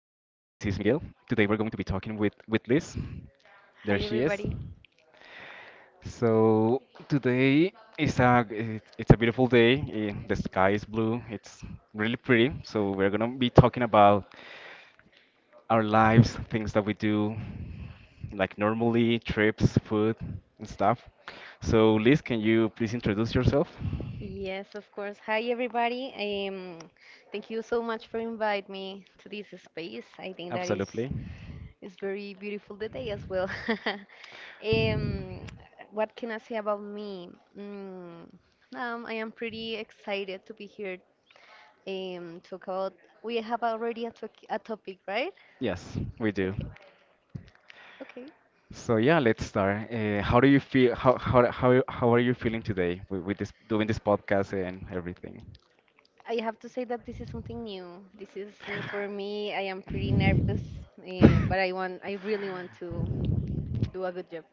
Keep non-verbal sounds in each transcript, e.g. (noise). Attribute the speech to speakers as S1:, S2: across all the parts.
S1: Miguel. Today we're going to be talking with Liz.
S2: Hi
S1: There she is.
S2: everybody.
S1: So today is it's a beautiful day. The sky is blue. It's really pretty. So we're gonna be talking about our lives, things that we do, like normally, trips, food, and stuff. So Liz, can you please introduce yourself?
S2: Yes, of course. Hi everybody. Thank you so much for inviting me to this space. I think that is
S1: Absolutely.
S2: is very beautiful today as well. (laughs) um, what can I say about me? Mm, I am pretty excited to be here. Talk about. We have already a topic, right?
S1: Yes, we do.
S2: Okay. Okay.
S1: So yeah, let's start. How do you feel? How are you feeling today with this doing this podcast and everything?
S2: I have to say that this is something new. This is new for me. I am pretty nervous, but I really want to do a good job.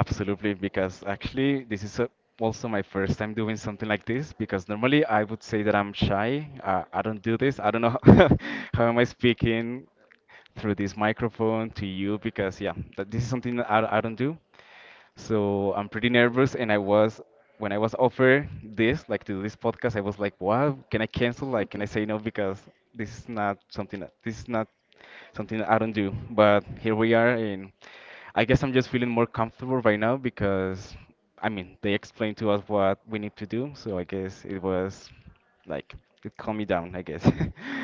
S1: Absolutely, because actually this is also my first time doing something like this. Because normally I would say that I'm shy. I don't do this. I don't know (laughs) how am I speaking through this microphone to you because yeah, this is something that I don't do. So I'm pretty nervous, and I was when I was offered this, like to do this podcast, I was like, "Wow, can I cancel? Like, can I say no?
S2: (laughs)
S1: Because this is not something that this is not something that I don't do." But here we are, and I guess I'm just feeling more comfortable right now because, I mean, they explained to us what we need to do, so I guess it was like it calmed me down, I guess. (laughs)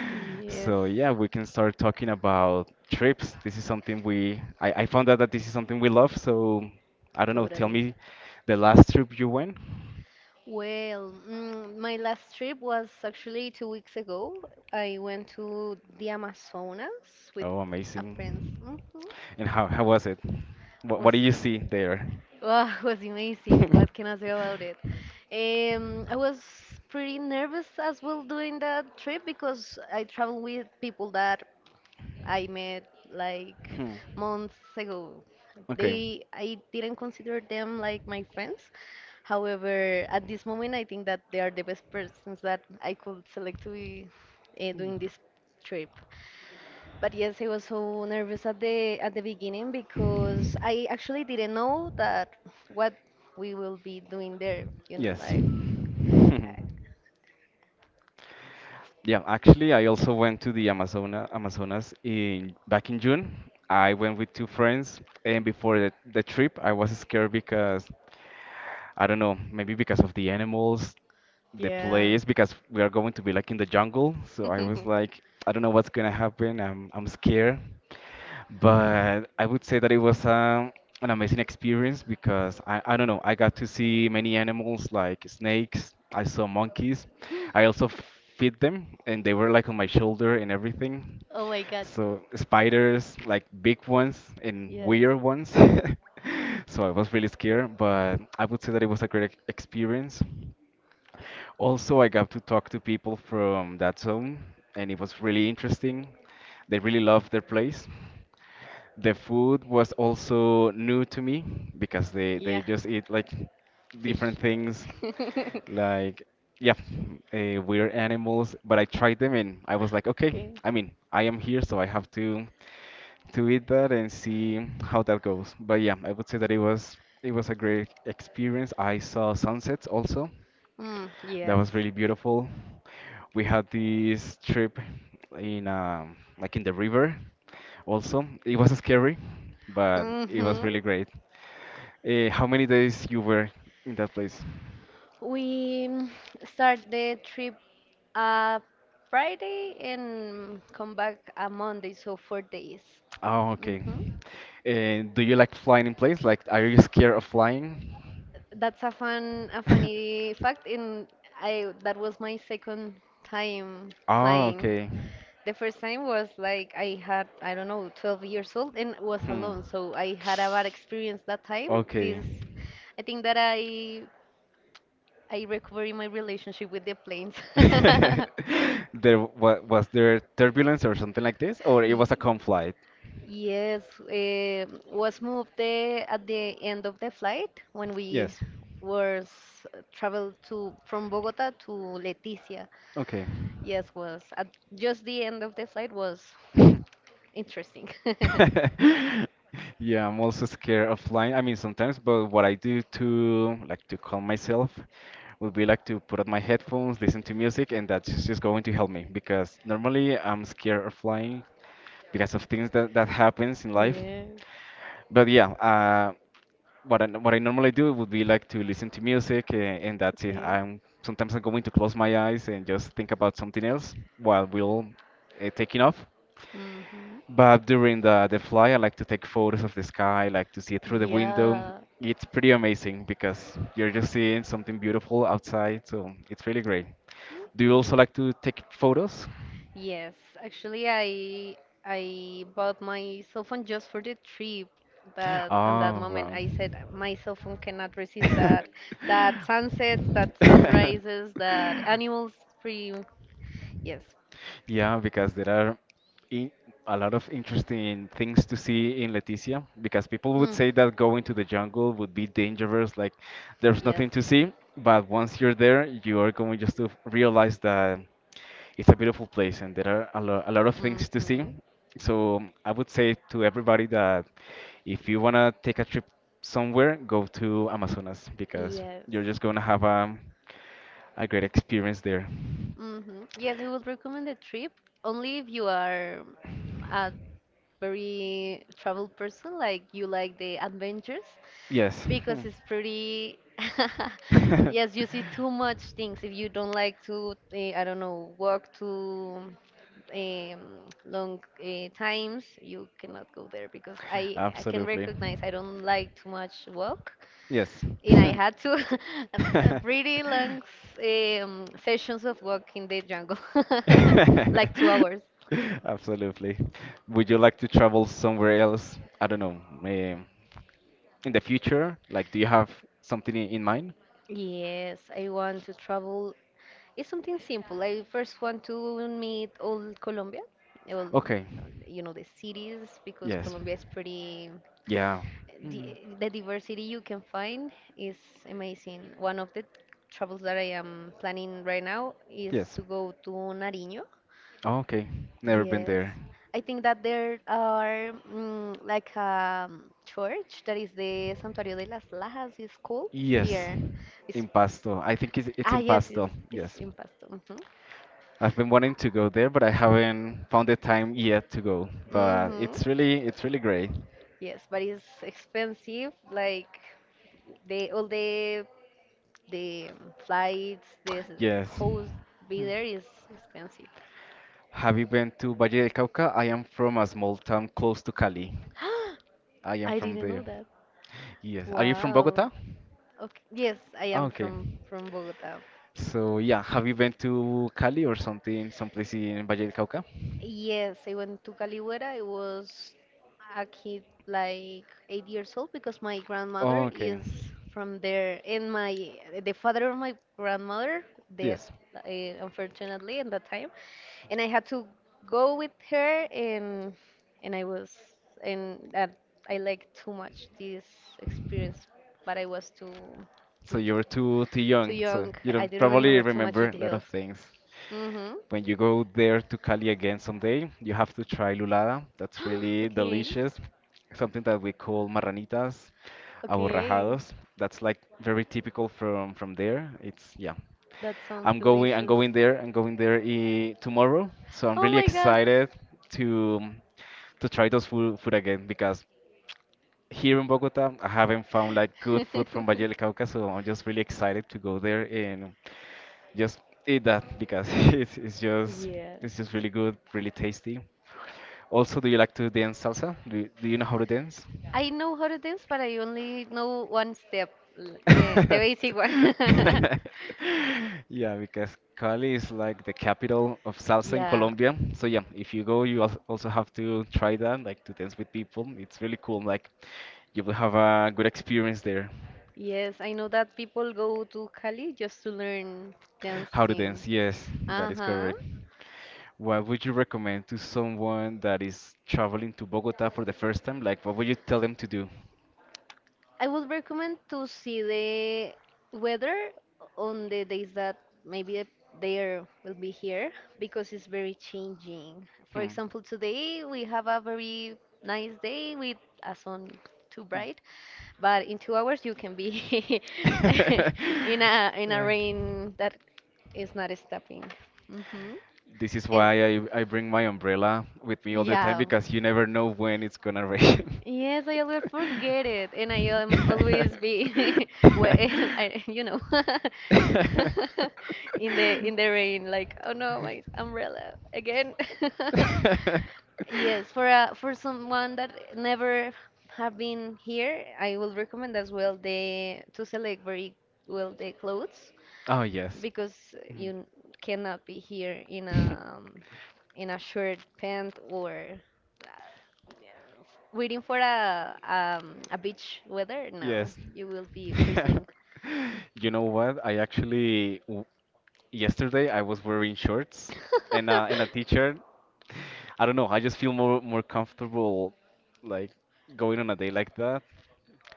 S2: Yes,
S1: So yeah, we can start talking about trips. This is something I found out that this is something we love, so I don't know, tell
S2: totally.
S1: me the last trip you went.
S2: Well, my last trip was actually 2 weeks ago. I went to the Amazonas with
S1: Oh,
S2: a friend.
S1: amazing.
S2: Hmm.
S1: And how was it? What
S2: Was
S1: did you see there?
S2: Wow, (laughs) was amazing. What can I
S1: (laughs)
S2: say about it? I was pretty nervous as well doing that trip because I travel with people that I met like
S1: Hmm.
S2: months ago.
S1: Okay.
S2: They I didn't consider them like my friends. However, at this moment, I think that they are the best persons that I could select to be doing this trip. But yes, I was so nervous at the beginning because I actually didn't know that what we will be doing there.
S1: Yes. (laughs)
S2: I-
S1: Yeah, actually, I also went to the Amazonas in back in June. I went with two friends, and before the trip, I was scared because I don't know, maybe because of the animals, the
S2: yeah.
S1: place, because we are going to be like in the jungle. So I was
S2: (laughs)
S1: like, I don't know what's gonna happen. I'm scared. But I would say that it was an amazing experience because I don't know, I got to see many animals like snakes, I saw monkeys. I also feed them and they were like on my shoulder and everything.
S2: Oh my God.
S1: So spiders, like big ones and
S2: Yes.
S1: weird ones. (laughs) So I was really scared, but I would say that it was a great experience. Also, I got to talk to people from that zone, and it was really interesting. They really loved their place. The food was also new to me because they
S2: Yeah.
S1: just eat like different
S2: Fish.
S1: things,
S2: (laughs)
S1: like yeah, weird animals. But I tried them and I was like, okay,
S2: Okay.
S1: I mean, I am here, so I have to eat that and see how that goes. But yeah, I would say that it was a great experience. I saw sunsets also.
S2: Mm,
S1: That
S2: yes.
S1: was really beautiful. We had this trip in like in the river also. It was scary, but it was
S2: Mm-hmm.
S1: really great. How many days you were in that place?
S2: We start the trip a Friday and come back a Monday, so 4 days.
S1: Oh, okay.
S2: Mm-hmm.
S1: And do you like flying in planes? Like, are you scared of flying?
S2: That's a funny
S1: (laughs)
S2: fact, and I that was my second time
S1: Oh,
S2: flying.
S1: okay.
S2: The first time was like I had, I don't know, 12 years old and was
S1: Hmm.
S2: alone, so I had a bad experience that time.
S1: Okay.
S2: This, I think that I recovering my relationship with the planes.
S1: (laughs) There wa
S2: (laughs)
S1: was there turbulence or something like this, or it was a
S2: Ye-
S1: calm flight?
S2: Yes, eh, was moved at the end of the flight when we
S1: Yes.
S2: were s- traveled to from Bogota to Leticia.
S1: Okay.
S2: Yes, was at just the end of the flight was
S1: (laughs)
S2: interesting. (laughs)
S1: (laughs) Yeah, I'm also scared of flying. I mean, sometimes, but what I do to like to calm myself would be like to put on my headphones, listen to music, and that's just going to help me because normally I'm scared of flying because of things that happens in life.
S2: Yes,
S1: But yeah, what I normally do would be like to listen to music, and that's it.
S2: okay.
S1: I'm sometimes I'm going to close my eyes and just think about something else while we'll taking off.
S2: Hmm.
S1: But during the fly, I like to take photos of the sky, I like to see it through the window.
S2: Yeah.
S1: It's pretty amazing because you're just seeing something beautiful outside, so it's really great. Do you
S2: Mhm.
S1: also like to take photos?
S2: Yes, actually, I bought my cell phone just for the trip. That and that
S1: Oh,
S2: moment,
S1: wow.
S2: I said my cell phone cannot resist that sunsets, that
S1: (laughs)
S2: sunrises, that animals scream. Yes.
S1: Yeah, because there are in a lot of interesting things to see in Leticia. Because people would
S2: Mm,
S1: say that going to the jungle would be dangerous, like there's
S2: yes.
S1: nothing to see. But once you're there, you are going just to realize that it's a beautiful place and there are a lot of things to see.
S2: Mm-hmm.
S1: So I would say to everybody that if you want to take a trip somewhere, go to Amazonas because
S2: Yes.
S1: you're just going to have a great experience there.
S2: Mm-hmm. Yes, I would recommend the trip only if you are a very travel person, like you like the adventures,
S1: Yes. Hmm.
S2: because it's pretty. (laughs) Yes, you
S1: (laughs)
S2: see too much things. If you don't like to I don't know, walk to um, long times, you cannot go there because I can
S1: Absolutely.
S2: recognize I don't like too much walk,
S1: Yes.
S2: and I had
S1: (laughs)
S2: to (laughs) a pretty
S1: (laughs)
S2: long sessions of walk in the jungle, (laughs) like 2 hours.
S1: Absolutely. Would you like to travel somewhere else? I don't know. In the future? Like, do you have something in mind?
S2: Yes, I want to travel. It's something simple. I first want to meet all Colombia, all,
S1: Okay.
S2: the cities, because
S1: Yes.
S2: Colombia is pretty.
S1: Yeah.
S2: The,
S1: Mm,
S2: the diversity you can find is amazing. One of the travels that I am planning right now is
S1: yes.
S2: to go to Nariño.
S1: Okay. Never been
S2: Yes,
S1: there.
S2: I think that there are like a church that is the Santuario de las Lajas is called
S1: Yes.
S2: here. It's,
S1: Impasto. I think it's
S2: ah yes,
S1: Impasto.
S2: it's
S1: Yes.
S2: in Pasto. Hmm.
S1: I've been wanting to go there, but I haven't found the time yet to go. But
S2: Hmm.
S1: it's really great.
S2: Yes, but it's expensive. Like the all the the flights, this
S1: (tsk)
S2: the
S1: Yes.
S2: host be
S1: Hmm.
S2: there is expensive.
S1: Have you been to Valle del Cauca? I am from a small town close to Cali.
S2: (gasps)
S1: I am
S2: I
S1: from
S2: didn't know
S1: there.
S2: that.
S1: Yes. Are you from
S2: Wow.
S1: Bogota?
S2: Okay. Yes, I
S1: Ah,
S2: am
S1: okay.
S2: from Bogota.
S1: So yeah, have you been to Cali or something, someplace in Valle del Cauca?
S2: Yes, I went to Caligüera. I was a kid like 8 years old because my grandmother
S1: Okay.
S2: is from there, and my the father of my grandmother dead,
S1: Yes.
S2: uh, unfortunately, at that time, and I had to go with her, and I was and that I liked too much this experience, but I was
S1: So
S2: too
S1: you're too
S2: too
S1: young, so
S2: young.
S1: you
S2: I
S1: don't
S2: didn't
S1: probably
S2: remember too much
S1: remember a lot
S2: details.
S1: of things.
S2: Mm-hmm.
S1: When you go there to Cali again someday, you have to try lulada. That's
S2: (gasps)
S1: really
S2: Okay.
S1: delicious. Something that we call marranitas,
S2: Okay,
S1: aborrajados. That's like very typical from there. It's yeah,
S2: that sounds
S1: I'm going I'm
S2: delicious.
S1: going there I'm going there tomorrow, so I'm
S2: Oh
S1: really
S2: my god.
S1: excited to to try those food again, because here in Bogota I haven't found like good food from Valle del
S2: (laughs)
S1: Cauca, so I'm just really excited to go there and just eat that, because (laughs) it's it's just
S2: Yes.
S1: it's just really good, really tasty. Also, do you, like to dance salsa? Do you know how to dance?
S2: I know how to dance, but I only know one step, the basic one. (laughs)
S1: (laughs) Yeah, because Cali is like the capital of salsa in
S2: Yeah.
S1: Colombia. So yeah, if you go, you also have to try that, like to dance with people. It's really cool. Like you will have a good experience there.
S2: Yes, I know that people go to Cali just to learn
S1: How to
S2: dancing.
S1: dance? Yes, that is
S2: Uh-huh.
S1: correct. What would you recommend to someone that is traveling to Bogota for the first time? Like, what would you tell them to do?
S2: I would recommend to see the weather on the days that maybe there will be here because it's very changing. For
S1: Hmm.
S2: example, today we have a very nice day with a sun too bright, but in 2 hours you can be (laughs)
S1: (laughs)
S2: in a
S1: Uh,
S2: rain that is not stopping. Hmm.
S1: This is
S2: And
S1: why I bring my umbrella with me all the time
S2: yeah.
S1: because you never know when it's gonna rain.
S2: Yes, I always forget it, and I always be (laughs) well, (laughs) I, (laughs) in the rain, like, oh no, my umbrella
S1: (laughs)
S2: again. (laughs) Yes, for someone that never have been here, I will recommend as well the to select very well the clothes
S1: Oh, yes.
S2: because you
S1: Mhm.
S2: cannot be here in a
S1: (laughs)
S2: shirt pant or uh, waiting for a beach weather. No,
S1: Yes.
S2: you will be
S1: (laughs)
S2: freezing.
S1: You know what? I actually yesterday I was wearing shorts and a
S2: (laughs)
S1: t-shirt. I don't know. I just feel more comfortable like going on a day like that.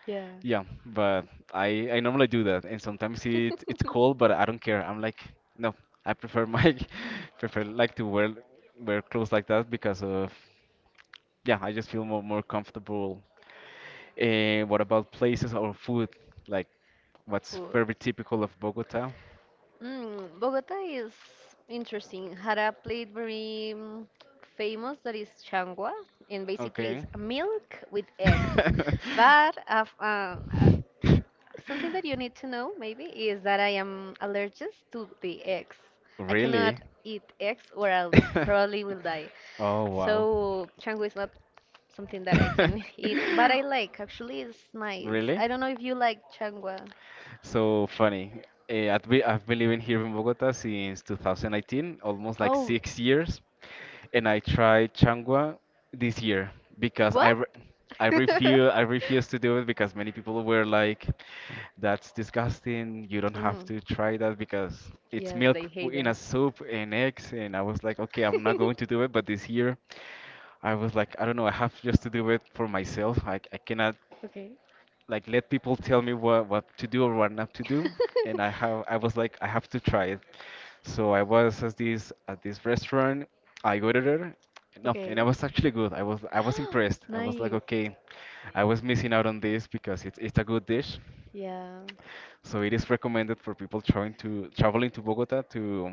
S2: Yeah.
S1: Yeah, but I normally do that, and sometimes it's cold,
S2: (laughs)
S1: but I don't care. I'm like, no, I prefer my (laughs) prefer like to wear clothes like that because of yeah, I just feel more comfortable. And what about places or food? Like, what's
S2: Food.
S1: very typical of Bogota?
S2: Bogota is interesting. Had a plate very famous that is changua, and basically
S1: Okay.
S2: it's milk with eggs. But
S1: (laughs)
S2: af uh, something that you need to know maybe is that I am allergic to the eggs. I
S1: Really?
S2: cannot eat eggs or I'll probably
S1: (laughs)
S2: will die.
S1: Oh, wow.
S2: So changu is not something that I can (laughs) eat,
S1: (laughs)
S2: but I like. Actually, it's nice.
S1: Really?
S2: I don't know if you like changua.
S1: So funny. I've been living here in Bogota since 2019, almost like
S2: Oh,
S1: 6 years, and I tried Changua this year because I
S2: what?
S1: re I
S2: (laughs)
S1: refuse I refuse to do it because many people were like, "That's disgusting. You don't have
S2: Mm,
S1: to try that because it's
S2: yes,
S1: milk
S2: they hate
S1: in a
S2: them.
S1: soup and eggs." And I was like, "Okay, I'm not going to do it."
S2: (laughs)
S1: But this year, I was like, "I don't know. I have just to do it for myself. I cannot."
S2: Okay.
S1: Like, let people tell me what to do or what not to do, and i have i
S2: (laughs)
S1: was like, I have to try it. So I was at this restaurant I go to there. No, and I
S2: Okay.
S1: was actually good, I was impressed,
S2: (gasps)
S1: I was like,
S2: Nice.
S1: okay, I was missing out on this, because it's a good dish,
S2: Yeah.
S1: so it is recommended for people trying to traveling to Bogota to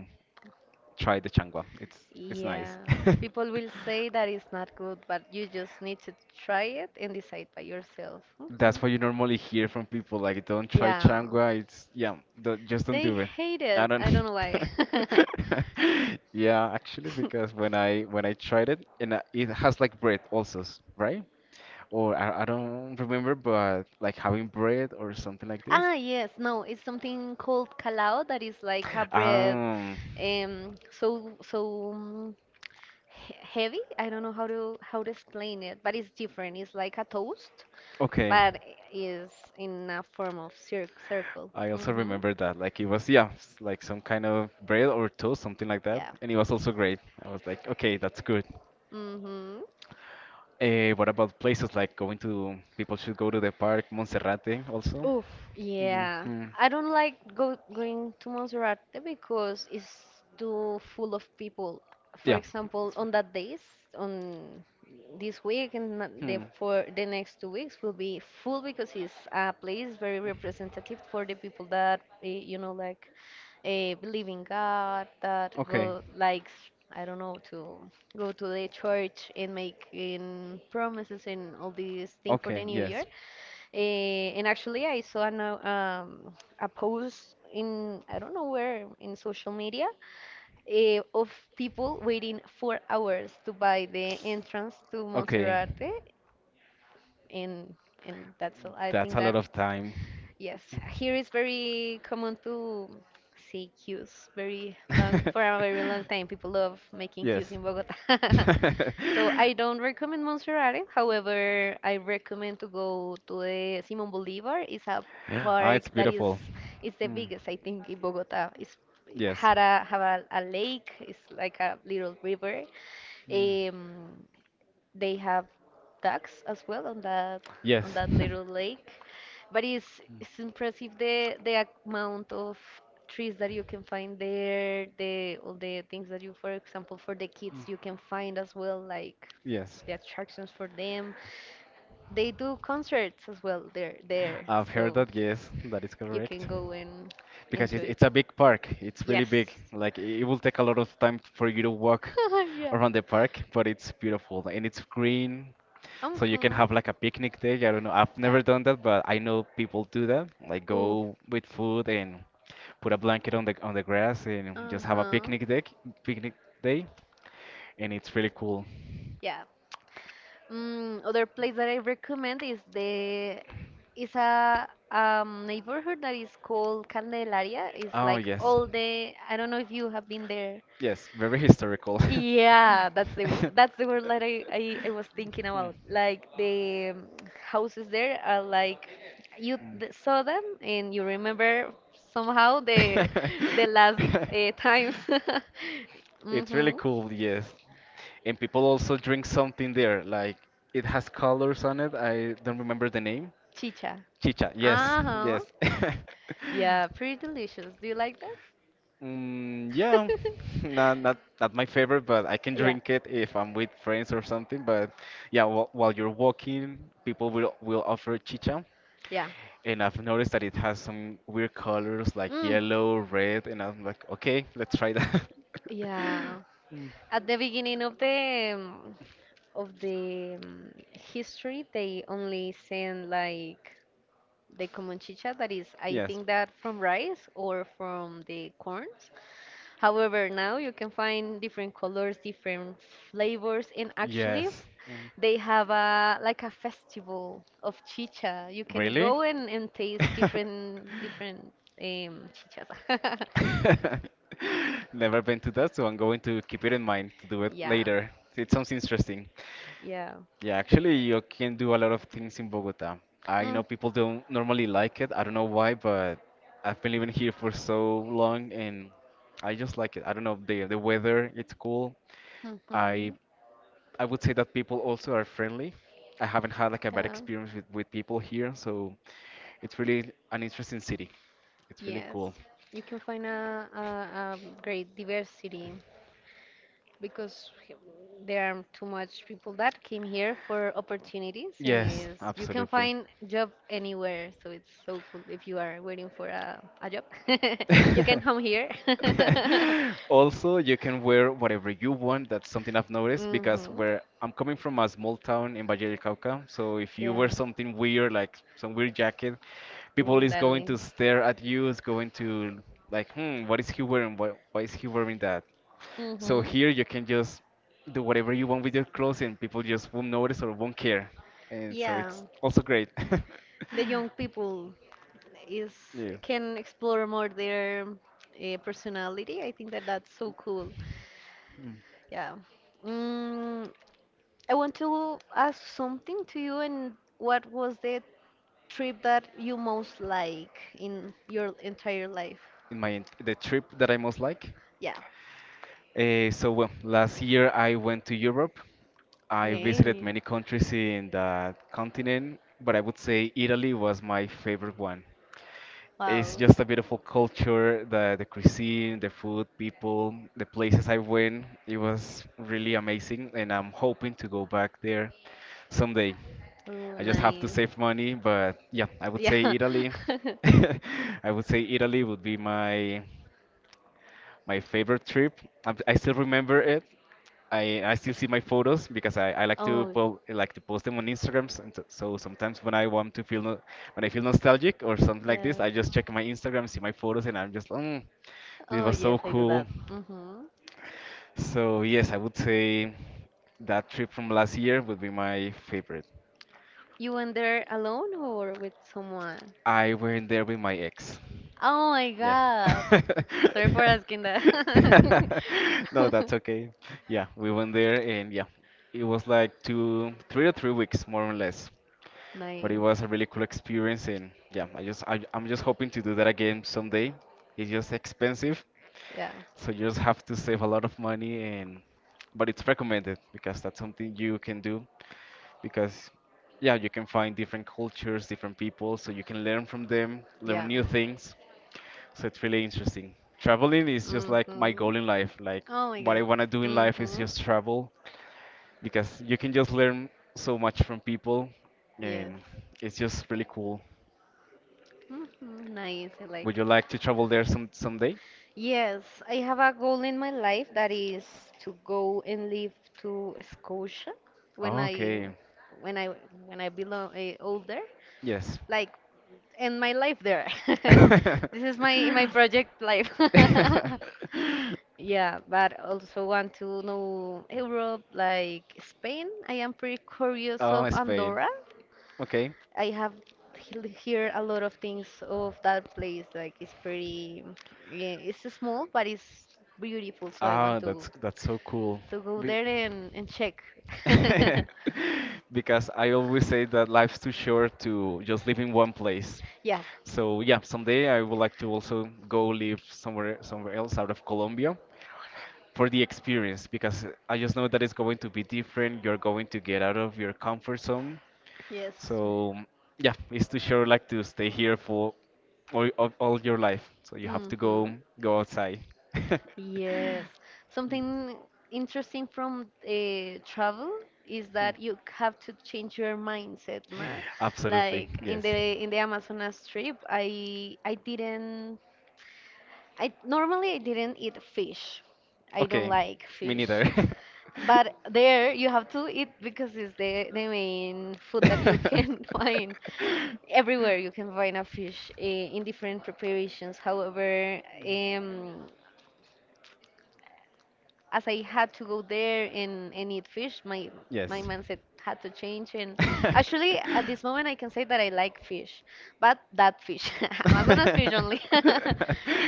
S1: try the changua. It's nice.
S2: Yeah, people will say that it's not good,
S1: (laughs)
S2: but you just need to try it and decide by yourself.
S1: That's
S2: Mhm.
S1: what you normally hear from people like, don't try
S2: Yeah,
S1: changua. It's, yeah, don't, just don't
S2: they
S1: do it.
S2: hate
S1: I
S2: it.
S1: don't
S2: I
S1: know.
S2: don't know why. (laughs)
S1: (laughs) Yeah, actually, because when I tried it, and it has like bread also, right? Or I don't remember, but like having bread or something like this.
S2: Ah, yes, no, it's something called calao that is like a bread,
S1: Um,
S2: so he heavy. I don't know how to explain it, but it's different. It's like a toast,
S1: okay.
S2: but is in a form of circle.
S1: I also
S2: Mm-hmm.
S1: remember that. Like it was, yeah, like some kind of bread or toast, something like that.
S2: Yeah.
S1: And it was also great. I was like, okay, that's good.
S2: Mm-hmm.
S1: What about places like people should go to the park, Monserrate also?
S2: Oof, yeah.
S1: Hmm.
S2: I don't like go going to Monserrate because it's too full of people. For
S1: Yeah.
S2: example, on that days, on this week and na- the
S1: Hmm.
S2: for the next 2 weeks will be full because it's a place very representative for the people that like believe in God, that
S1: Okay.
S2: go, like, I don't know, to go to the church and making promises and all these thing for the
S1: Okay,
S2: new year.
S1: yes.
S2: And actually, I saw um, a post in, I don't know where, in social media, of people waiting 4 hours to buy the entrance to
S1: Okay.
S2: Monserrate. And, and that's all. I
S1: That's
S2: think
S1: a lot
S2: that
S1: of time.
S2: Yes, here is very common to see queues very long for a very long
S1: (laughs)
S2: time. People love making
S1: Yes.
S2: queues in Bogota. (laughs)
S1: (laughs)
S2: So I don't recommend Monserrate. However, I recommend to go to the Simón Bolívar. It's a
S1: Ah, it's
S2: park. that is
S1: beautiful.
S2: it's the
S1: Mm,
S2: biggest, I think, in Bogota. It's
S1: yes.
S2: had a have a lake. It's like a little river.
S1: Mm,
S2: Um, they have ducks as well on that
S1: yes.
S2: little lake, but it's impressive the amount of trees that you can find there. The all the things that you, for example, for the kids, you can find as well, like
S1: (laughs) Yes.
S2: the attractions for them. They do concerts as well there,
S1: I've heard
S2: so
S1: that. Yes, that is
S2: you can
S1: correct.
S2: go and
S1: Because it,
S2: enjoy.
S1: it's a big park. It's really
S2: Yes.
S1: big. Like it will take a lot of time for you to walk
S2: (laughs) Yeah.
S1: around the park, but it's beautiful and it's green. So you can
S2: Uh-huh.
S1: have like a picnic day. I don't know. I've
S2: Yeah.
S1: never done that, but I know people do that. Like
S2: Ooh.
S1: go with food and put a blanket on the grass and just have a
S2: Uh-huh.
S1: picnic day. Picnic day, and it's really cool.
S2: Yeah. Other place that I recommend is a neighborhood that is called Candelaria. It's
S1: Oh
S2: like
S1: yes,
S2: all the, I don't know if you have been there.
S1: yes, very historical.
S2: Yeah, that's
S1: (laughs) (laughs)
S2: the word that I was thinking about. Like the houses there are like, you saw them and you remember somehow the last times. (laughs)
S1: It's really
S2: hmm
S1: cool, yes. And people also drink something there, like it has colors on it. I don't remember the name.
S2: Chicha.
S1: Chicha, yes,
S2: Uh-huh.
S1: yes.
S2: Yeah, pretty delicious. Do you
S1: (laughs)
S2: like that?
S1: Mm, yeah, (laughs) not
S2: (laughs)
S1: my favorite, but I can
S2: Yeah.
S1: drink it if I'm with friends or something. But yeah, while you're walking, people will offer chicha,
S2: Yeah.
S1: and I've noticed that it has some weird colors like
S2: Mm.
S1: yellow, red, and I'm like, okay, let's try that. (laughs)
S2: Yeah.
S1: Mm.
S2: At the beginning of the of the um, history, they only send like the common chicha that is, I
S1: Yes.
S2: think that from rice or from the corn. However, now you can find different colors, different flavors, and actually,
S1: Yes. Mm.
S2: they have a like a festival of chicha. You can
S1: Really?
S2: go and, taste
S1: (laughs)
S2: different chichas. (laughs)
S1: Never been to that, so I'm going to keep it in mind to do it
S2: Yeah,
S1: later. It sounds interesting.
S2: yeah.
S1: Yeah, actually, you can do a lot of things in Bogota. I know
S2: Mm,
S1: people don't normally like it. I don't know why, but I've been living here for so long and I just like it. I don't know, the weather, it's cool. I
S2: mhm,
S1: I would say that people also are friendly. I haven't had like a bad
S2: yeah,
S1: experience with people here, so it's really an interesting city. It's really
S2: yes.
S1: cool.
S2: You can find a great diversity because there are too much people that came here for opportunities and
S1: Yes,
S2: is you can
S1: absolutely.
S2: find job anywhere, so it's so cool if you are waiting for a job. (laughs) You can come here.
S1: (laughs)
S2: (laughs)
S1: Also, you can wear whatever you want. That's something I've noticed because
S2: Hmm.
S1: where I'm coming from a small town in Valle del Cauca. So if you
S2: Yeah.
S1: wear something weird, like some weird jacket, people is going
S2: Totally.
S1: to stare at you. Is going to like, hmm, what is he wearing? Why is he wearing that? So
S2: Hmm.
S1: here you can just do whatever you want with your clothes, and people just won't notice or won't care. And so
S2: Yeah.
S1: it's also great. (laughs)
S2: The young people is
S1: Yeah.
S2: can explore more their personality. I think that that's so cool.
S1: Mm.
S2: Yeah. Mm, I want to ask something to you, and what was the trip that you most like in your entire life?
S1: The trip that I most like.
S2: Yeah.
S1: So, well, last year I went to Europe. I visited
S2: Okay.
S1: many countries in that continent, but I would say Italy was my favorite one. It's
S2: Wow.
S1: just a beautiful culture, the cuisine, the food, people, the places I went. It was really amazing, and I'm hoping to go back there someday.
S2: Oh,
S1: I just have to
S2: nice.
S1: save money, but yeah, I would say
S2: Yeah.
S1: Italy.
S2: (laughs)
S1: (laughs) I would say Italy would be my favorite trip. I still remember it. I still see my photos because I like to
S2: Oh,
S1: like to post them on Instagrams and so sometimes when I want to feel no, when I feel nostalgic or something like this
S2: yes.
S1: I just check my Instagram, see my photos, and I'm just this
S2: Oh,
S1: was so
S2: yes, I do
S1: cool.
S2: that. Hmm.
S1: So yes, I would say that trip from last year would be my favorite.
S2: You went there alone or with someone?
S1: I went there with my ex.
S2: Oh my
S1: Yeah.
S2: god. Sorry for asking that.
S1: (laughs)
S2: (laughs)
S1: No, that's okay. Yeah, we went there and yeah, it was like two, 3 or 3 weeks more or less. But it was
S2: Nice.
S1: a really cool experience and yeah, I just I'm just hoping to do that again someday. It's just expensive,
S2: Yeah.
S1: so you just have to save a lot of money and but it's recommended because that's something you can do because yeah, you can find different cultures, different people, so you can learn from them, learn
S2: Yeah.
S1: new things. So it's really interesting. Traveling is just like my
S2: Mm-hmm.
S1: goal in life.
S2: (laughs)
S1: Like
S2: Oh my
S1: what
S2: god.
S1: I want to do in life is
S2: Mm-hmm.
S1: just travel because you can just learn so much from people
S2: Yes.
S1: and it's just really cool.
S2: Mm-hmm. Nice. I
S1: Would
S2: like.
S1: you like to travel there someday?
S2: Yes, I have a goal in my life that is to go and live to Scotia when I
S1: Okay.
S2: when I when I belong older,
S1: Yes.
S2: like end my life there. (laughs)
S1: (laughs)
S2: This is my project life. (laughs) Yeah, but also want to know Europe, like Spain. I am pretty curious
S1: Oh,
S2: of
S1: Spain.
S2: Andorra.
S1: Okay.
S2: I have hear a lot of things of that place. Like it's pretty, yeah, it's small, but it's beautiful. So I
S1: Ah,
S2: want to
S1: that's so cool.
S2: to go
S1: Be-
S2: there and and check.
S1: (laughs)
S2: (laughs)
S1: because I always say that life's too short to just live in one place.
S2: Yeah.
S1: So yeah, someday I would like to also go live somewhere else out of Colombia. For the experience because I just know that it's going to be different. You're going to get out of your comfort zone.
S2: Yes.
S1: So yeah, it's too sure like to stay here for all your life. So you have to go
S2: hmm
S1: go outside. (laughs)
S2: Yes. Something interesting from travel is that you have to change your mindset, no?
S1: Absolutely,
S2: Like in
S1: yes.
S2: the in the Amazonas trip, I normally I didn't eat fish. I don't
S1: Okay,
S2: like
S1: me
S2: fish.
S1: neither.
S2: But there you have to eat because it's the main food that you can (laughs) find. Everywhere you can find a fish eh,
S1: (laughs)
S2: in different preparations. However,
S1: (laughs)
S2: as I had to go there and eat fish, my
S1: Yes.
S2: mindset had to change. And actually, at this moment, I can say that I like fish, but
S1: (laughs)
S2: that fish, (laughs) Amazonas fish only. (laughs)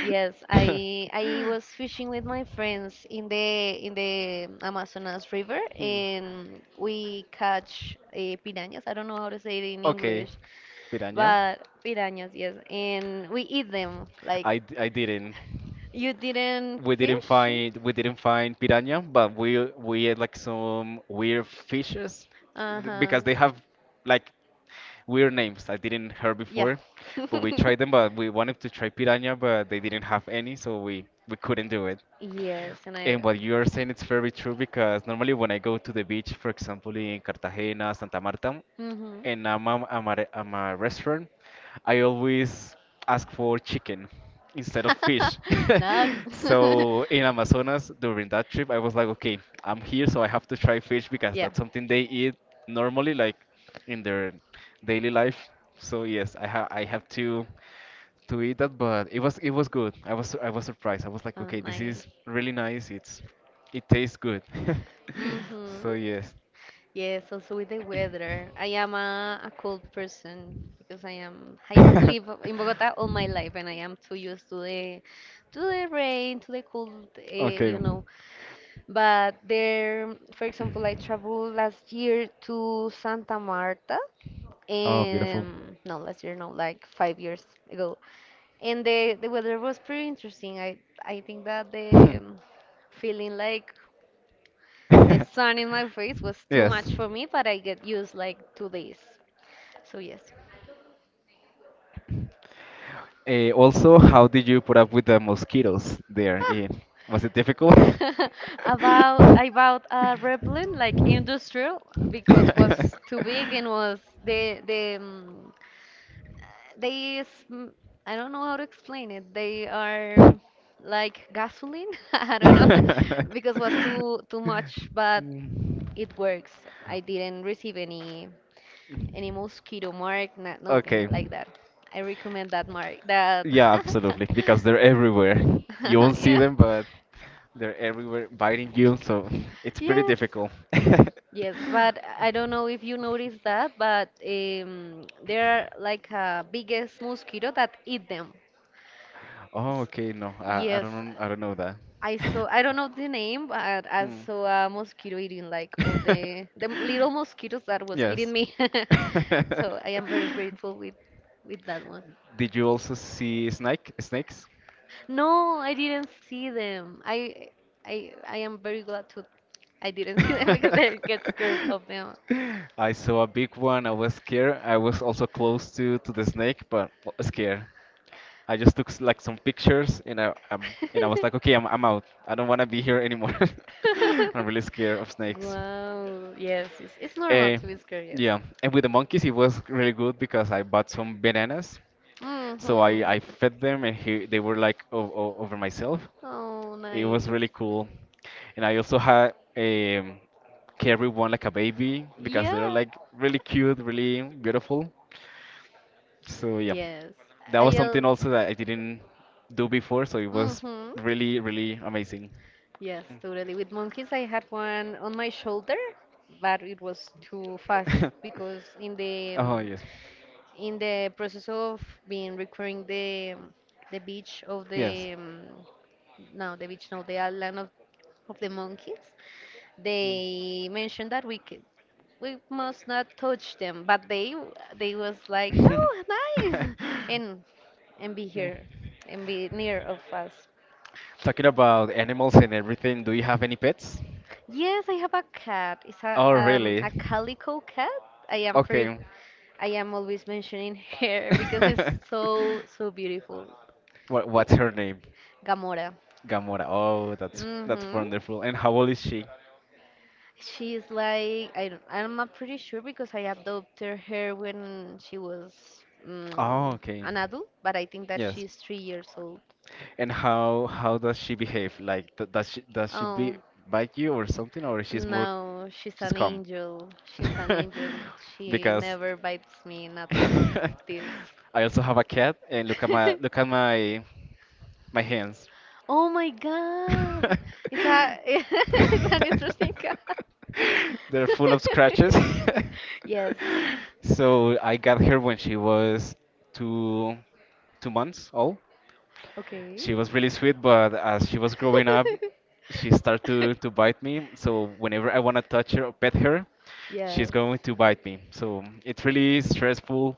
S2: Yes, I was fishing with my friends in the Amazonas River,
S1: Hmm.
S2: and we catch piranhas. I don't know how to say it in
S1: Okay,
S2: English,
S1: piranha.
S2: but piranhas, yes, and we eat them. Like
S1: I didn't.
S2: you didn't
S1: We didn't
S2: fish?
S1: find we didn't find piranha, but we ate like some weird fishes
S2: Uh huh.
S1: because they have like weird names I didn't hear
S2: Yeah.
S1: before. But we
S2: (laughs)
S1: tried them, but we wanted to try piranha, but they didn't have any, so we couldn't do it.
S2: Yes, and I.
S1: And what you are saying, it's very true because normally when I go to the beach, for example, in Cartagena, Santa Marta,
S2: Mhm.
S1: and I'm, at a, I'm a restaurant, I always ask for chicken instead of fish.
S2: (laughs)
S1: (laughs)
S2: No. (laughs)
S1: So in Amazonas, during that trip, I was like, okay, I'm here, so I have to try fish because
S2: Yeah.
S1: that's something they eat normally, like in their daily life. So yes, I have to eat that, but it was good. I was surprised. I was like, okay, this
S2: I.
S1: is really nice. It tastes good. (laughs)
S2: Mhm.
S1: So yes.
S2: Yes, also with the weather. I am a cold person because I have
S1: (laughs)
S2: lived in Bogota all my life and I am too used to the rain, to the cold, you
S1: Okay.
S2: know. But there, for example, I traveled last year to Santa Marta,
S1: Oh, beautiful.
S2: and no, last year, no, like 5 years ago. And the weather was pretty interesting. I think that the feeling like
S1: (laughs)
S2: the sun in my
S1: (laughs)
S2: face was too
S1: Yes.
S2: much for me, but I get used like to this. So yes.
S1: Also, how did you put up with the mosquitoes there?
S2: Ah,
S1: Was it difficult?
S2: (laughs) about I bought a Replin like industrial because was too big and was they sm- I don't know how to explain it. They are like gasoline. (laughs) I don't know (laughs) because was
S1: (laughs) (laughs)
S2: too much, but it works. I didn't receive any mosquito mark, nothing
S1: Okay.
S2: like that. I recommend that mark that.
S1: Yeah, absolutely. Because they're everywhere. You
S2: (laughs) (laughs)
S1: won't see
S2: Yeah.
S1: them, but they're everywhere biting you, so it's pretty
S2: Yes.
S1: difficult. (laughs)
S2: Yes, but I don't know if you noticed that, but there are like a biggest mosquito that eat them.
S1: Oh,
S2: S-
S1: okay. No, I, I
S2: Yes,
S1: don't I don't know that.
S2: I saw.
S1: (laughs)
S2: I don't know the name, but I
S1: Hmm.
S2: saw a mosquito eating like all the
S1: (laughs)
S2: little mosquitoes that was eating
S1: Yes.
S2: me. (laughs) So I am very grateful
S1: (laughs)
S2: with that one.
S1: Did you also see snakes?
S2: No, I didn't see them. I I am very glad to I didn't (laughs) see them because I get scared
S1: (laughs)
S2: of them.
S1: I saw a big one. I was scared. I was also close to the snake, but scared. I just took like some pictures, and I was like, okay, I'm
S2: (laughs)
S1: I'm out. I don't want to be here anymore. (laughs) I'm
S2: (laughs)
S1: really scared of snakes.
S2: Wow. Yes, it's normal
S1: Eh,
S2: to be scared, yes.
S1: yeah, and with the monkeys, it was really good because I bought some bananas. So
S2: Mm-hmm.
S1: I fed them and they were like o o over myself.
S2: Oh,
S1: It was
S2: nice.
S1: really cool. And I also had carry one like a baby because they're
S2: Yeah.
S1: like really cute, really beautiful. So yeah,
S2: Yes.
S1: that was
S2: I al
S1: something also that I didn't do before. So it was
S2: Mm-hmm.
S1: really, really amazing.
S2: Yes, totally. With monkeys, I had one on my shoulder, but it was too fast
S1: Mm. (laughs)
S2: because
S1: Oh yes,
S2: in the process of being recovering the beach of
S1: yes.
S2: the no the beach no the island of the monkeys, they mentioned that we we must not touch them, but they was like, oh,
S1: (laughs)
S2: nice, (laughs) and and be here and be near of us.
S1: Talking about animals and everything, do you have any pets?
S2: Yes, I have a cat. It's
S1: Oh really?
S2: a calico cat. I am very
S1: Okay.
S2: I am always mentioning her (laughs) because it's so
S1: (laughs)
S2: so beautiful.
S1: What
S2: Yeah.
S1: what's her name?
S2: Gamora.
S1: Gamora. Oh, that's
S2: Mm-hmm.
S1: wonderful. And how old is she?
S2: She's like I don't, I'm not pretty sure because I adopted her when she was um,
S1: Oh, okay.
S2: an adult, but I think that
S1: Yes.
S2: she's 3 years old.
S1: And how does she behave? Like th does she, be
S2: Oh
S1: bite you or something, or
S2: no, she's
S1: she's
S2: an
S1: calm?
S2: angel. She's an angel.
S1: (laughs)
S2: She
S1: Because
S2: never bites me.
S1: (laughs)
S2: Nothing of this.
S1: I also have a cat, and look at my look
S2: (laughs)
S1: at my my hands.
S2: Oh my God,
S1: (laughs)
S2: it's a (laughs) it's an interesting cat.
S1: They're full of scratches. (laughs)
S2: (laughs) Yes,
S1: So I got her when she was two two months old.
S2: okay.
S1: She was really sweet, but as she was growing up, she started to
S2: (laughs)
S1: bite me. So whenever I want to touch her or pet her, she's
S2: Yes.
S1: going to bite me. So it's really stressful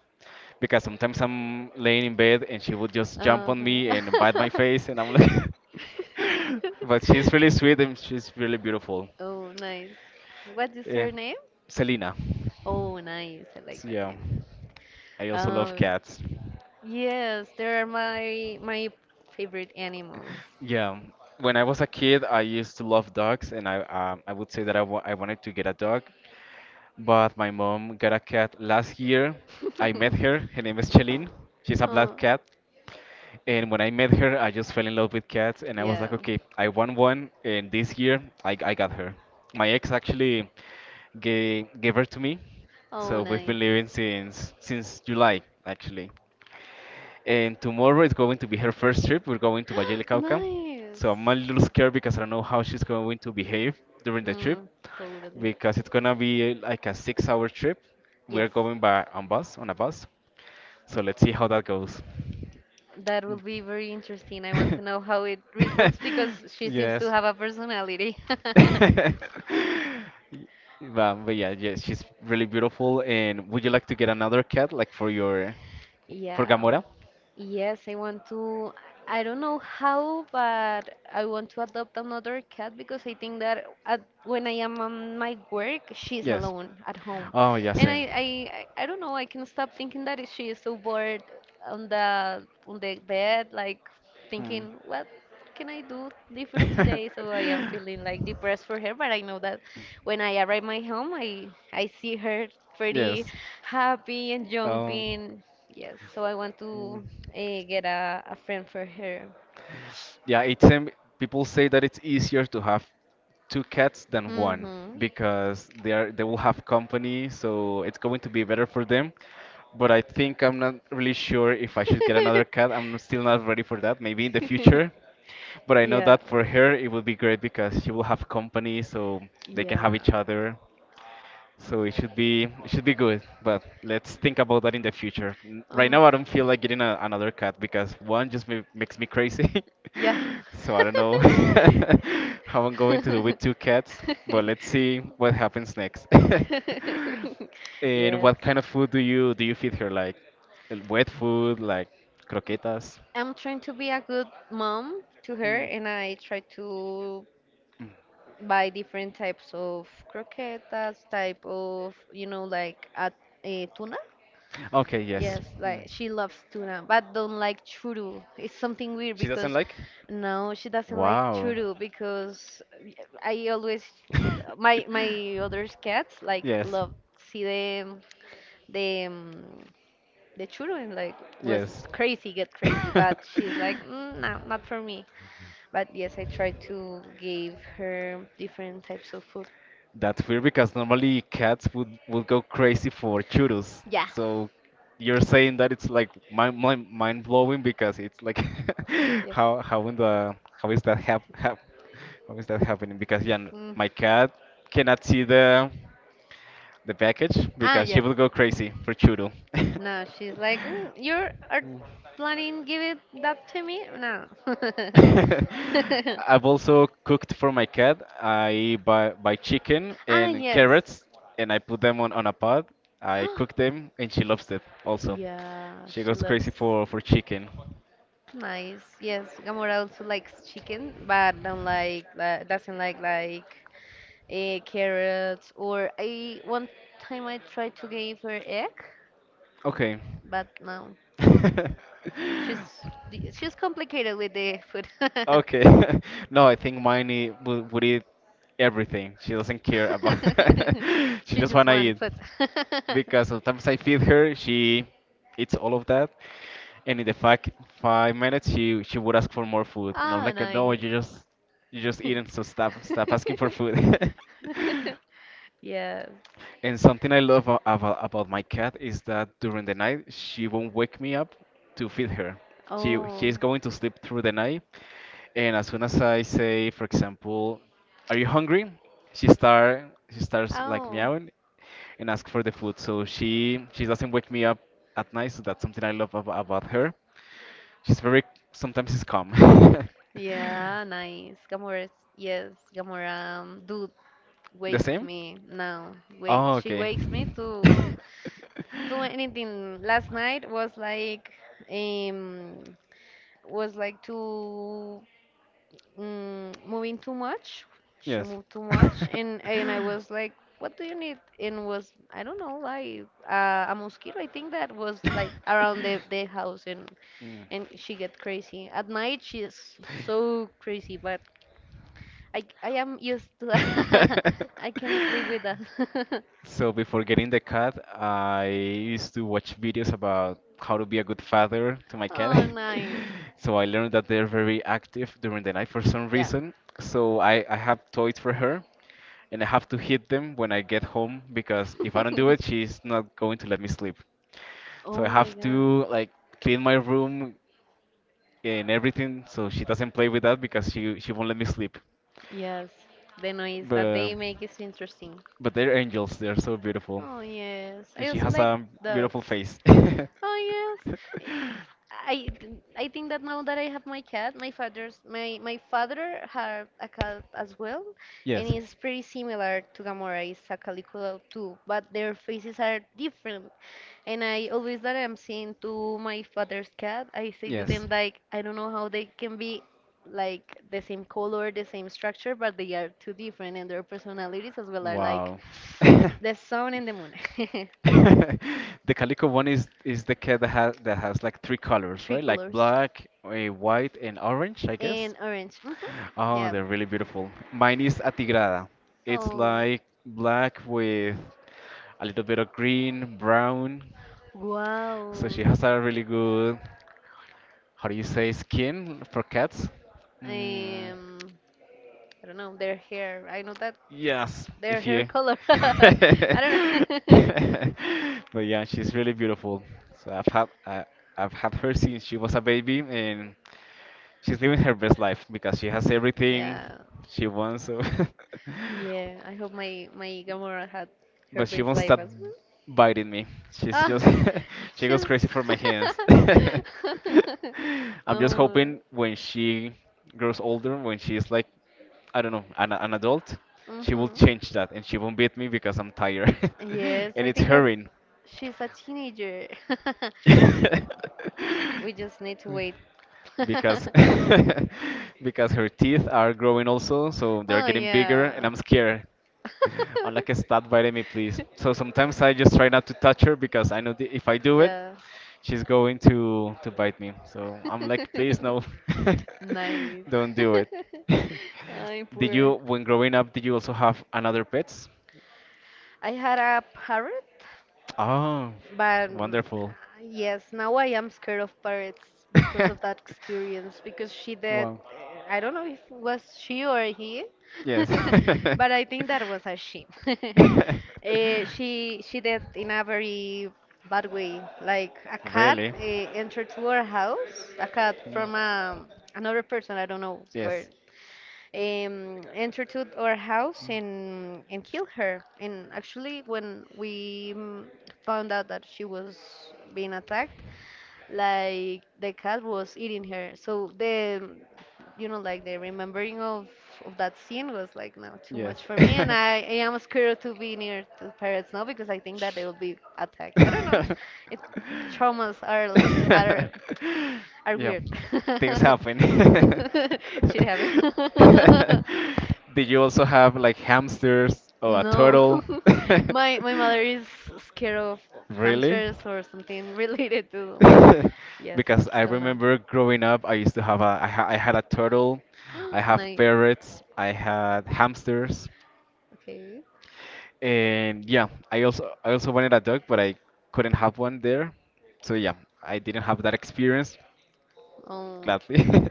S1: because sometimes I'm laying in bed and she would just jump on me and bite my
S2: Uh-huh.
S1: face, and I'm
S2: (laughs)
S1: like, (laughs) but she's really sweet and she's really beautiful.
S2: Oh, nice. What is
S1: Yeah.
S2: her name?
S1: Selena.
S2: Oh, nice. I like
S1: So,
S2: that
S1: yeah,
S2: name.
S1: I also love
S2: Um,
S1: cats.
S2: yes, they are my my favorite animals.
S1: Yeah, when I was a kid, I used to love dogs, and I would say that I wanted to get a dog, but my mom got a cat last year. I met
S2: (laughs)
S1: her. Her name is Chelin. She's a black
S2: Oh,
S1: cat. And when I met her, I just fell in love with cats, and I was like,
S2: yeah.
S1: okay, I want one. And this year, I got her. My ex actually gave her to me, so
S2: Oh,
S1: we've
S2: nice.
S1: been living since July, actually. And tomorrow is going to be her first trip. We're going to Valle del
S2: (gasps)
S1: Cauca.
S2: Nice.
S1: So I'm a little scared because I don't know how she's going to behave during the trip
S2: Mm, totally.
S1: because it's gonna be like a 6-hour trip. We
S2: Yes.
S1: are going by on bus on a bus. So let's see how that goes.
S2: That will be very interesting. I want to know
S1: (laughs)
S2: how it results because she seems to
S1: Yes.
S2: have a personality.
S1: (laughs) But, yeah, yeah, she's really beautiful. And would you like to get another cat like
S2: (laughs)
S1: for
S2: Yeah.
S1: Gamora?
S2: Yes, I want to. I don't know how, but I want to adopt another cat because I think that at, when I am on my work, she's
S1: Yes.
S2: alone at home,
S1: Oh, yeah,
S2: and
S1: same.
S2: I I don't know. I can stop thinking that she is so bored on the bed, like
S1: Hmm.
S2: thinking what can I do different today? So I am
S1: (laughs)
S2: feeling like depressed for her, but I know that when I arrive my home, I see her pretty
S1: Yes.
S2: happy and
S1: Um.
S2: jumping. Yes, so I want
S1: Mm.
S2: to get a friend for her.
S1: Yeah, it's people say that it's easier to have two cats than one
S2: Mm-hmm. (laughs)
S1: because they will have company, so it's going to be better for them. But I think I'm not really sure if I should get another cat. I'm still not ready for that. Maybe in the future. But I know
S2: Yeah,
S1: that for her it would be great because she will have company, so they can have each
S2: yeah,
S1: other. So it should be good, but let's think about that in the future. Right
S2: um,
S1: now, I don't feel like getting another cat because one just ma makes me crazy. (laughs)
S2: yeah.
S1: So I don't know (laughs) how I'm going to do with two cats,
S2: (laughs)
S1: but let's see what happens next. (laughs)
S2: (laughs)
S1: And
S2: Yes.
S1: what kind of food do you feed her? Like wet food, like croquetas?
S2: I'm trying to be a good mom to her,
S1: Mm.
S2: and I try to
S1: Mm.
S2: buy different types of croquetas, type of, you know, like a tuna.
S1: Okay, yes.
S2: Yes, like
S1: Mm.
S2: she loves tuna, but don't like churu. It's something weird
S1: She doesn't
S2: because
S1: like?
S2: no, she doesn't like
S1: Wow.
S2: churu because I always my
S1: (laughs)
S2: my other cats like
S1: Yes,
S2: love see the the um, the churu and like was
S1: yes.
S2: crazy, get crazy,
S1: (laughs)
S2: but she's like, mm, no, not for me. But yes, I try to give her different types of food.
S1: That's weird because normally cats would go crazy for churros.
S2: Yeah.
S1: So you're saying that it's like mind blowing because it's like (laughs)
S2: Yep.
S1: how in the how is that hap, hap how is that happening? Because yeah,
S2: Mm.
S1: my cat cannot see the package
S2: Ah,
S1: because she
S2: yes.
S1: will go crazy for churro. (laughs)
S2: No, she's like, mm, you are planning give it that to me? No.
S1: (laughs)
S2: (laughs)
S1: I've also cooked for my cat. I buy chicken
S2: Ah,
S1: and
S2: yes.
S1: carrots and I put them on a pot. I cook
S2: (gasps)
S1: them and she loves it also.
S2: Yeah,
S1: She
S2: she
S1: goes crazy
S2: loves
S1: for chicken.
S2: nice. Yes, Gamora also likes chicken, but don't like that. Doesn't like carrots or I one time I tried to give her egg,
S1: Okay.
S2: but no,
S1: (laughs)
S2: she's she's complicated with the food.
S1: Okay. (laughs) No, I think Miney would eat everything. She doesn't care about
S2: (laughs)
S1: (laughs) She
S2: She
S1: just
S2: just
S1: wanna
S2: wants
S1: eat.
S2: food. (laughs)
S1: Because sometimes I feed her, she eats all of that, and in the five minutes she would ask for more food, and I'm
S2: Ah,
S1: like, no,
S2: nice. (laughs)
S1: you just eating, so stop asking for food. (laughs)
S2: Yes.
S1: And something I love about my cat is that during the night she won't wake me up to feed her. She
S2: Oh.
S1: is going to sleep through the night, and as soon as I say, for example, "Are you hungry?" She starts like
S2: Oh.
S1: meowing and ask for the food. So she doesn't wake me up at night. So that's something I love about her. She's very, sometimes she's calm. (laughs)
S2: Yeah, nice. Gamora, yes, Gamora, do
S1: The
S2: wake
S1: same?
S2: me now. Wait,
S1: Oh,
S2: she
S1: okay.
S2: wakes me to do anything. Last
S1: (laughs)
S2: night um was like too mm, moving too much. She
S1: Yes.
S2: moved too much, and I
S1: (laughs)
S2: was like, "What do you need?" And was I don't know, like a mosquito. I think that was like around the house, and she get crazy at night. She is so crazy, but I am used to that.
S1: Mm.
S2: (laughs) I can sleep
S1: (laughs)
S2: with that. (laughs)
S1: So before getting the cat, I used to watch videos about how to be a good father to my cat.
S2: Oh, nice.
S1: (laughs) So I learned that they're very active during the night for some
S2: Yeah.
S1: reason. So I have toys for her and I have to hit them when I get home because if I don't do it, she's
S2: (laughs)
S1: not going to let me sleep. So
S2: Oh
S1: I
S2: my
S1: have
S2: god.
S1: to like clean my room, and everything, so she doesn't play with that because she won't let me sleep.
S2: Yes, the noise that
S1: But
S2: they make is interesting.
S1: they're angels. They're so beautiful,
S2: Oh, yes.
S1: and
S2: I
S1: she
S2: also
S1: has
S2: like
S1: a beautiful
S2: dogs.
S1: face. (laughs)
S2: Oh, yes. I I think that now that I have my cat, my father had a cat as well, and
S1: Yes.
S2: it's pretty similar to Gamora. It's a calico too, but their faces are different. And I always that I'm seeing to my father's cat, I say to
S1: Yes.
S2: them like I don't know how they can be like the same color, the same structure, but they are too different, and their personalities as well are like
S1: Wow. (laughs)
S2: the sun and the moon, (laughs)
S1: (laughs) The calico one is the cat that has like three colors,
S2: three
S1: right? Like
S2: colors
S1: black, eh, white, and orange, I guess.
S2: and orange. Hmm
S1: Oh,
S2: Yeah.
S1: they're really beautiful. Mine is atigrada. It's
S2: Oh,
S1: like black with a little bit of green, brown. So
S2: wow.
S1: she has a really good, how do you say, skin for cats. Mm.
S2: I don't know, their hair. I know that
S1: Yes,
S2: their
S1: if
S2: hair
S1: you.
S2: color. (laughs) I don't know. (laughs)
S1: (laughs) But yeah, she's really beautiful. So I've had her since she was a baby, and she's living her best life because she has everything
S2: Yeah.
S1: she wants. So
S2: Yeah,
S1: (laughs)
S2: I hope my my Gamora had her
S1: but she
S2: best
S1: won't
S2: life
S1: stop
S2: as well.
S1: biting me. She's
S2: Ah,
S1: just (laughs) she goes
S2: she's
S1: crazy for my hands. (laughs)
S2: (laughs)
S1: I'm just hoping
S2: Oh,
S1: when she grows older, when she's like I don't know, an adult, she will
S2: mhm.
S1: change that and she won't beat me because I'm tired
S2: Yes,
S1: (laughs) and
S2: I
S1: it's
S2: think that
S1: hurrying.
S2: she's a teenager. (laughs)
S1: (laughs)
S2: We just need to wait. (laughs)
S1: Because (laughs) because her teeth are growing also, so they're
S2: Oh
S1: getting bigger, and
S2: yeah.
S1: I'm scared.
S2: (laughs)
S1: I'm like, stop biting me, please. So sometimes I just try not to touch her because I know the, if I do it,
S2: Yeah.
S1: she's going to bite me. So I'm like, please no,
S2: (laughs) Nice.
S1: (laughs) don't do it.
S2: (laughs)
S1: (laughs)
S2: Ay,
S1: Did
S2: poor.
S1: you, when growing up, did you also have another pets?
S2: I had a parrot
S1: Oh,
S2: but mm,
S1: wonderful.
S2: yes, now I am scared of parrots
S1: (laughs)
S2: because of that experience. Because she did,
S1: Wow.
S2: I don't know if it was she or he,
S1: Yes.
S2: (laughs) but I think that was a she. (laughs)
S1: (laughs)
S2: She did in a very bad way. Like a cat
S1: Really?
S2: entered to our house, a cat from another person, I don't know where
S1: Yes.
S2: enter to our house and kill her. And actually, when we found out that she was being attacked, like the cat was eating her. So the you know like the remembering of that scene was like no too
S1: Yes.
S2: much for me, and I,
S1: (laughs)
S2: I am scared to be near to parrots now because I think that they will be attacked. I don't know. It, traumas are are
S1: Yeah.
S2: weird.
S1: Things
S2: (laughs)
S1: happen.
S2: (laughs) Shit happen.
S1: (laughs)
S2: (laughs)
S1: Did you also have like hamsters or a
S2: No,
S1: turtle? (laughs)
S2: (laughs) my mother is scared of
S1: Really?
S2: hamsters or something (laughs) related to them.
S1: (laughs)
S2: Yes,
S1: Because I
S2: so no.
S1: remember growing up, I used to have a, I, ha I had a turtle, I
S2: (gasps)
S1: have
S2: Nice.
S1: parrots, I had hamsters,
S2: Okay.
S1: and yeah, I also wanted a dog, but I couldn't have one there. So yeah, I didn't have that experience,
S2: Um,
S1: gladly. (laughs)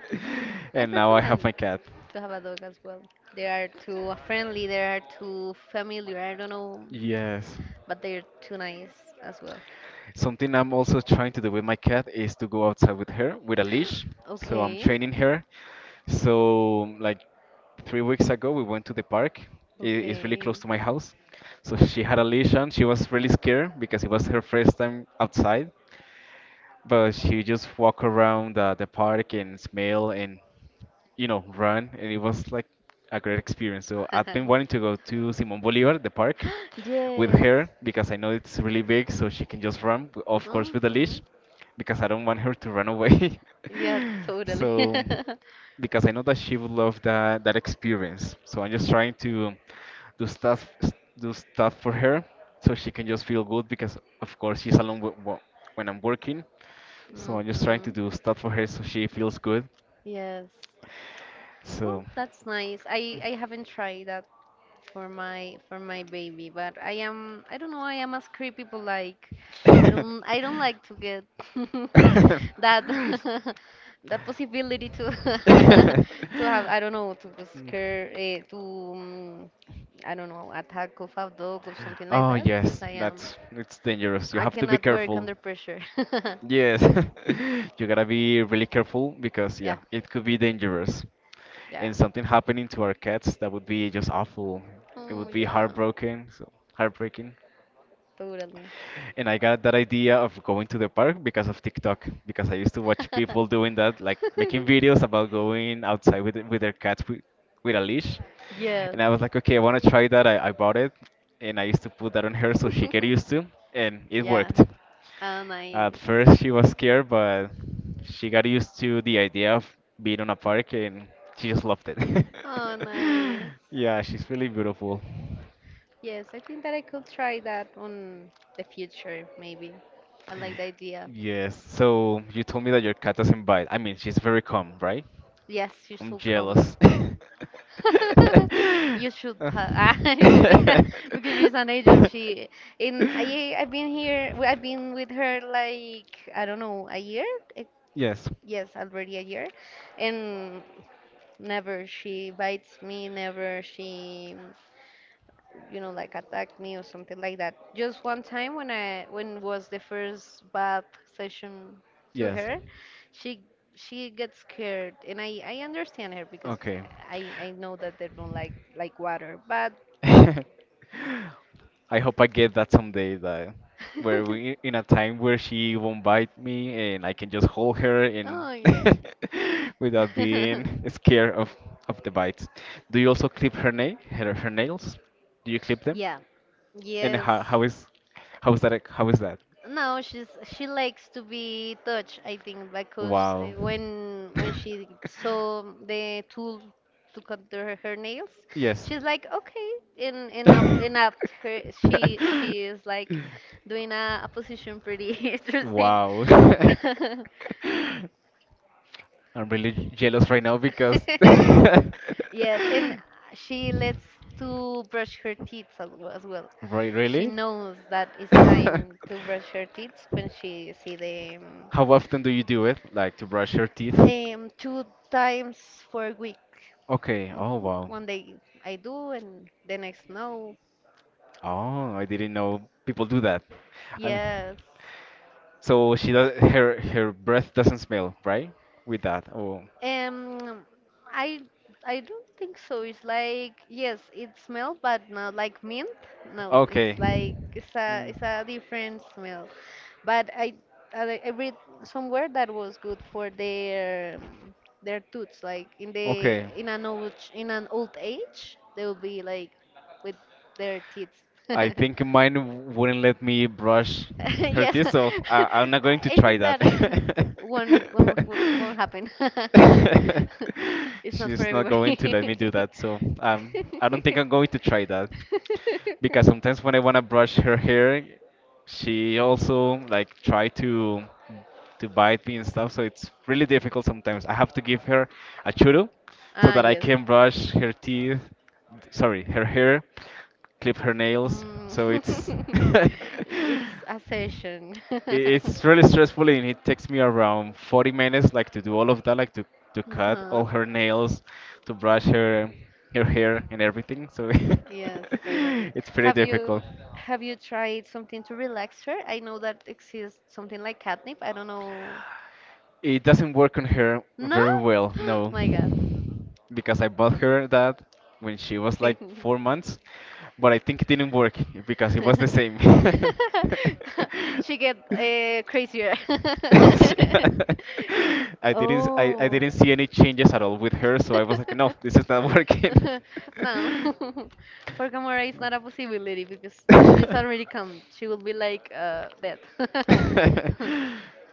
S2: I
S1: And now I have my
S2: recommend
S1: cat.
S2: to have a dog as well. They are too friendly. They are too familiar. I don't know,
S1: Yes.
S2: but they're too nice as well.
S1: Something I'm also trying to do with my cat is to go outside with her with a leash. So I'm
S2: Okay.
S1: training her. So like 3 weeks ago, we went to the park. It's really
S2: Okay.
S1: close to my house. So she had a leash on. She was really scared because it was her first time outside. But she just walk around the park and smell and you know run, and it was like a great experience. So I've been wanting
S2: (laughs)
S1: to go to Simón Bolívar, the park, with
S2: Yes.
S1: her because I know it's really big, so she can just run, of course, with a
S2: hmm
S1: leash, because I don't want her to run away.
S2: Yeah,
S1: (laughs)
S2: totally. (laughs)
S1: So because I know that she would love that experience. So I'm just trying to do stuff s- do stuff for her so she can just feel good because of course she's alone with, when I'm working. So I'm just trying to
S2: hmm
S1: do stuff for her so she feels good.
S2: Yes. Oh,
S1: So
S2: that's nice. I haven't tried that for my baby, but I am I don't know, I am a creepy people like
S1: (laughs)
S2: I don't like to get (laughs) that (laughs) that possibility to (laughs) to have
S1: (laughs)
S2: I don't know to go scare to I don't know attack of a dog or something like
S1: Oh
S2: that
S1: yes,
S2: because I am
S1: that's it's dangerous. You
S2: I
S1: have to be
S2: cannot work
S1: careful.
S2: under pressure. (laughs)
S1: Yes, (laughs) you gotta be really careful because yeah,
S2: Yeah.
S1: it could be dangerous.
S2: Yeah.
S1: And something happening to our cats that would be just awful. It
S2: Oh
S1: would be
S2: yeah.
S1: heartbroken, so heartbreaking.
S2: Totally.
S1: And I got that idea of going to the park because of TikTok, because I used to watch people doing that, like making
S2: (laughs) (laughs)
S1: videos about going outside with their cats with a leash.
S2: Yes.
S1: And I was like, okay, I want to try that. I bought it, and I used to put that on her so she get used to,
S2: (laughs)
S1: and it
S2: Yeah.
S1: worked.
S2: Oh, nice.
S1: At first, she was scared, but she got used to the idea of being on a park, and she just loved it. (laughs)
S2: Oh, nice.
S1: Yeah, she's really beautiful.
S2: Yes, I think that I could try that on the future, maybe. I like the idea.
S1: Yes, so you told me that your cat doesn't bite. I mean, she's very calm, right?
S2: Yes, you
S1: I'm
S2: should come.
S1: jealous. (laughs)
S2: (laughs) You should
S1: Uh.
S2: ha (laughs) you should be (laughs) because she's an angel.
S1: (laughs)
S2: She in I I've been here. I've been with her like I don't know a year. Eh,
S1: Yes,
S2: yes, already a year, and never she bites me. Never she. You know like attack me or something like that just one time when I when was the first bath session to
S1: yes.
S2: her she she gets scared and I understand her because
S1: Okay.
S2: I know that they don't like water but
S1: (laughs) I hope I get that someday, that where we
S2: (laughs)
S1: in a time where she won't bite me and I can just hold her and
S2: oh yeah
S1: (laughs) without being
S2: (laughs)
S1: scared of the bites. Do you also clip her her nails? Do you clip them?
S2: Yeah.
S1: And
S2: Yes.
S1: how is that?
S2: No, she's she likes to be touched, I think, because
S1: Wow.
S2: when
S1: (laughs)
S2: she saw the tool to cut her, her nails,
S1: Yes.
S2: she's like, okay, and up
S1: (laughs)
S2: her she is like doing a position pretty (laughs) interesting.
S1: Wow.
S2: (laughs)
S1: (laughs) I'm really jealous right now because. (laughs)
S2: Yes, and she lets to brush her teeth as well, as well.
S1: Right,
S2: She
S1: really?
S2: knows that it's
S1: (laughs) How
S2: time to brush her teeth when she see the
S1: often do you do it? Like to brush your teeth?
S2: Two times for a week.
S1: Okay. Oh,
S2: Mhm.
S1: wow.
S2: One day I do, and the next no.
S1: Oh, I didn't know people do that. I'm.
S2: Yes.
S1: So she does her breath doesn't smell, right? With that. Oh,
S2: Um, I I don't think so. It's like yes, it smells, but not like mint. No, it's
S1: okay.
S2: like
S1: Mm.
S2: it's a different smell. But I read somewhere that was good for their tooths. Like in the
S1: Okay.
S2: in an old age, they will be like with their teeth.
S1: I think
S2: (laughs)
S1: mine wouldn't let me brush
S2: (laughs)
S1: her
S2: Yes,
S1: teeth, so I'm not going
S2: (laughs)
S1: to
S2: I
S1: try
S2: think
S1: that.
S2: that (laughs) won't
S1: (laughs) (laughs)
S2: won't, won't happen. (laughs) It's not for
S1: She's not going to let me do
S2: everybody.
S1: that, so I don't think I'm going to
S2: (laughs)
S1: try that. Because sometimes when I want to brush her hair, she also like try to bite me and stuff, so it's really difficult sometimes. I have to give her a churu so
S2: Ah
S1: that I
S2: yes.
S1: can brush her teeth, sorry, her hair, clip her nails.
S2: Mm.
S1: So it's (laughs)
S2: (laughs) It's a session. (laughs)
S1: it's really stressful and it takes me
S2: Uh-huh.
S1: around 40 minutes like to do all of that like to cut all her nails, to brush her hair and everything so
S2: Yes, totally.
S1: (laughs) it's pretty
S2: Have you
S1: difficult.
S2: have you tried something to relax her? I know that exists something like catnip. I don't know.
S1: It doesn't work on her
S2: No?
S1: very well,
S2: (gasps)
S1: no,
S2: My God.
S1: because I bought her that when she was like four
S2: (laughs)
S1: months but I think it didn't work because it was the same.
S2: She get
S1: (laughs)
S2: crazier.
S1: (laughs)
S2: (laughs)
S1: I didn't I
S2: Oh.
S1: didn't see any changes at all with her, so I was like, no, this is
S2: (laughs)
S1: not working.
S2: (laughs) No. (laughs) For Gamora, it's not a possibility because she's already come. She will be like dead. (laughs)
S1: (laughs)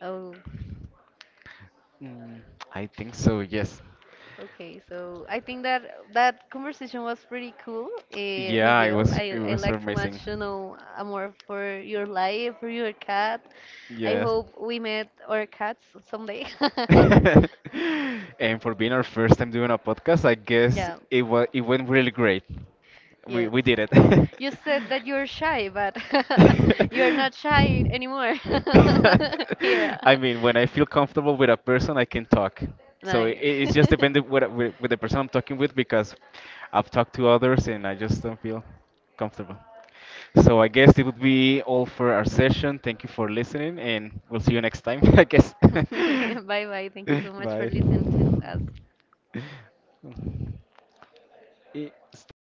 S2: Oh,
S1: Mm, I think so, yes.
S2: okay. So I think that that conversation was pretty cool,
S1: Yeah,
S2: Miguel. I,
S1: it
S2: I
S1: was
S2: like to
S1: amazing.
S2: much to know more for your life, for your cat. I
S1: Yes.
S2: hope we met our cats someday. (laughs)
S1: (laughs) And for being our first time doing a podcast, I guess
S2: Yeah,
S1: it went really great.
S2: yes.
S1: We did it.
S2: You said that you're shy, but
S1: (laughs)
S2: (laughs) you're not shy anymore. (laughs) Yeah,
S1: I mean, when I feel comfortable with a person, I can talk. So
S2: nice.
S1: it's just dependent with the person I'm talking with because
S2: (laughs)
S1: I've talked to others and I just don't feel comfortable. So I guess it would be all for our session. Thank you for listening, and we'll see you next time, (laughs) I guess. (laughs)
S2: (laughs) Bye bye. Thank you so much for
S1: Bye.
S2: listening to us.
S1: (laughs) Eh, stop.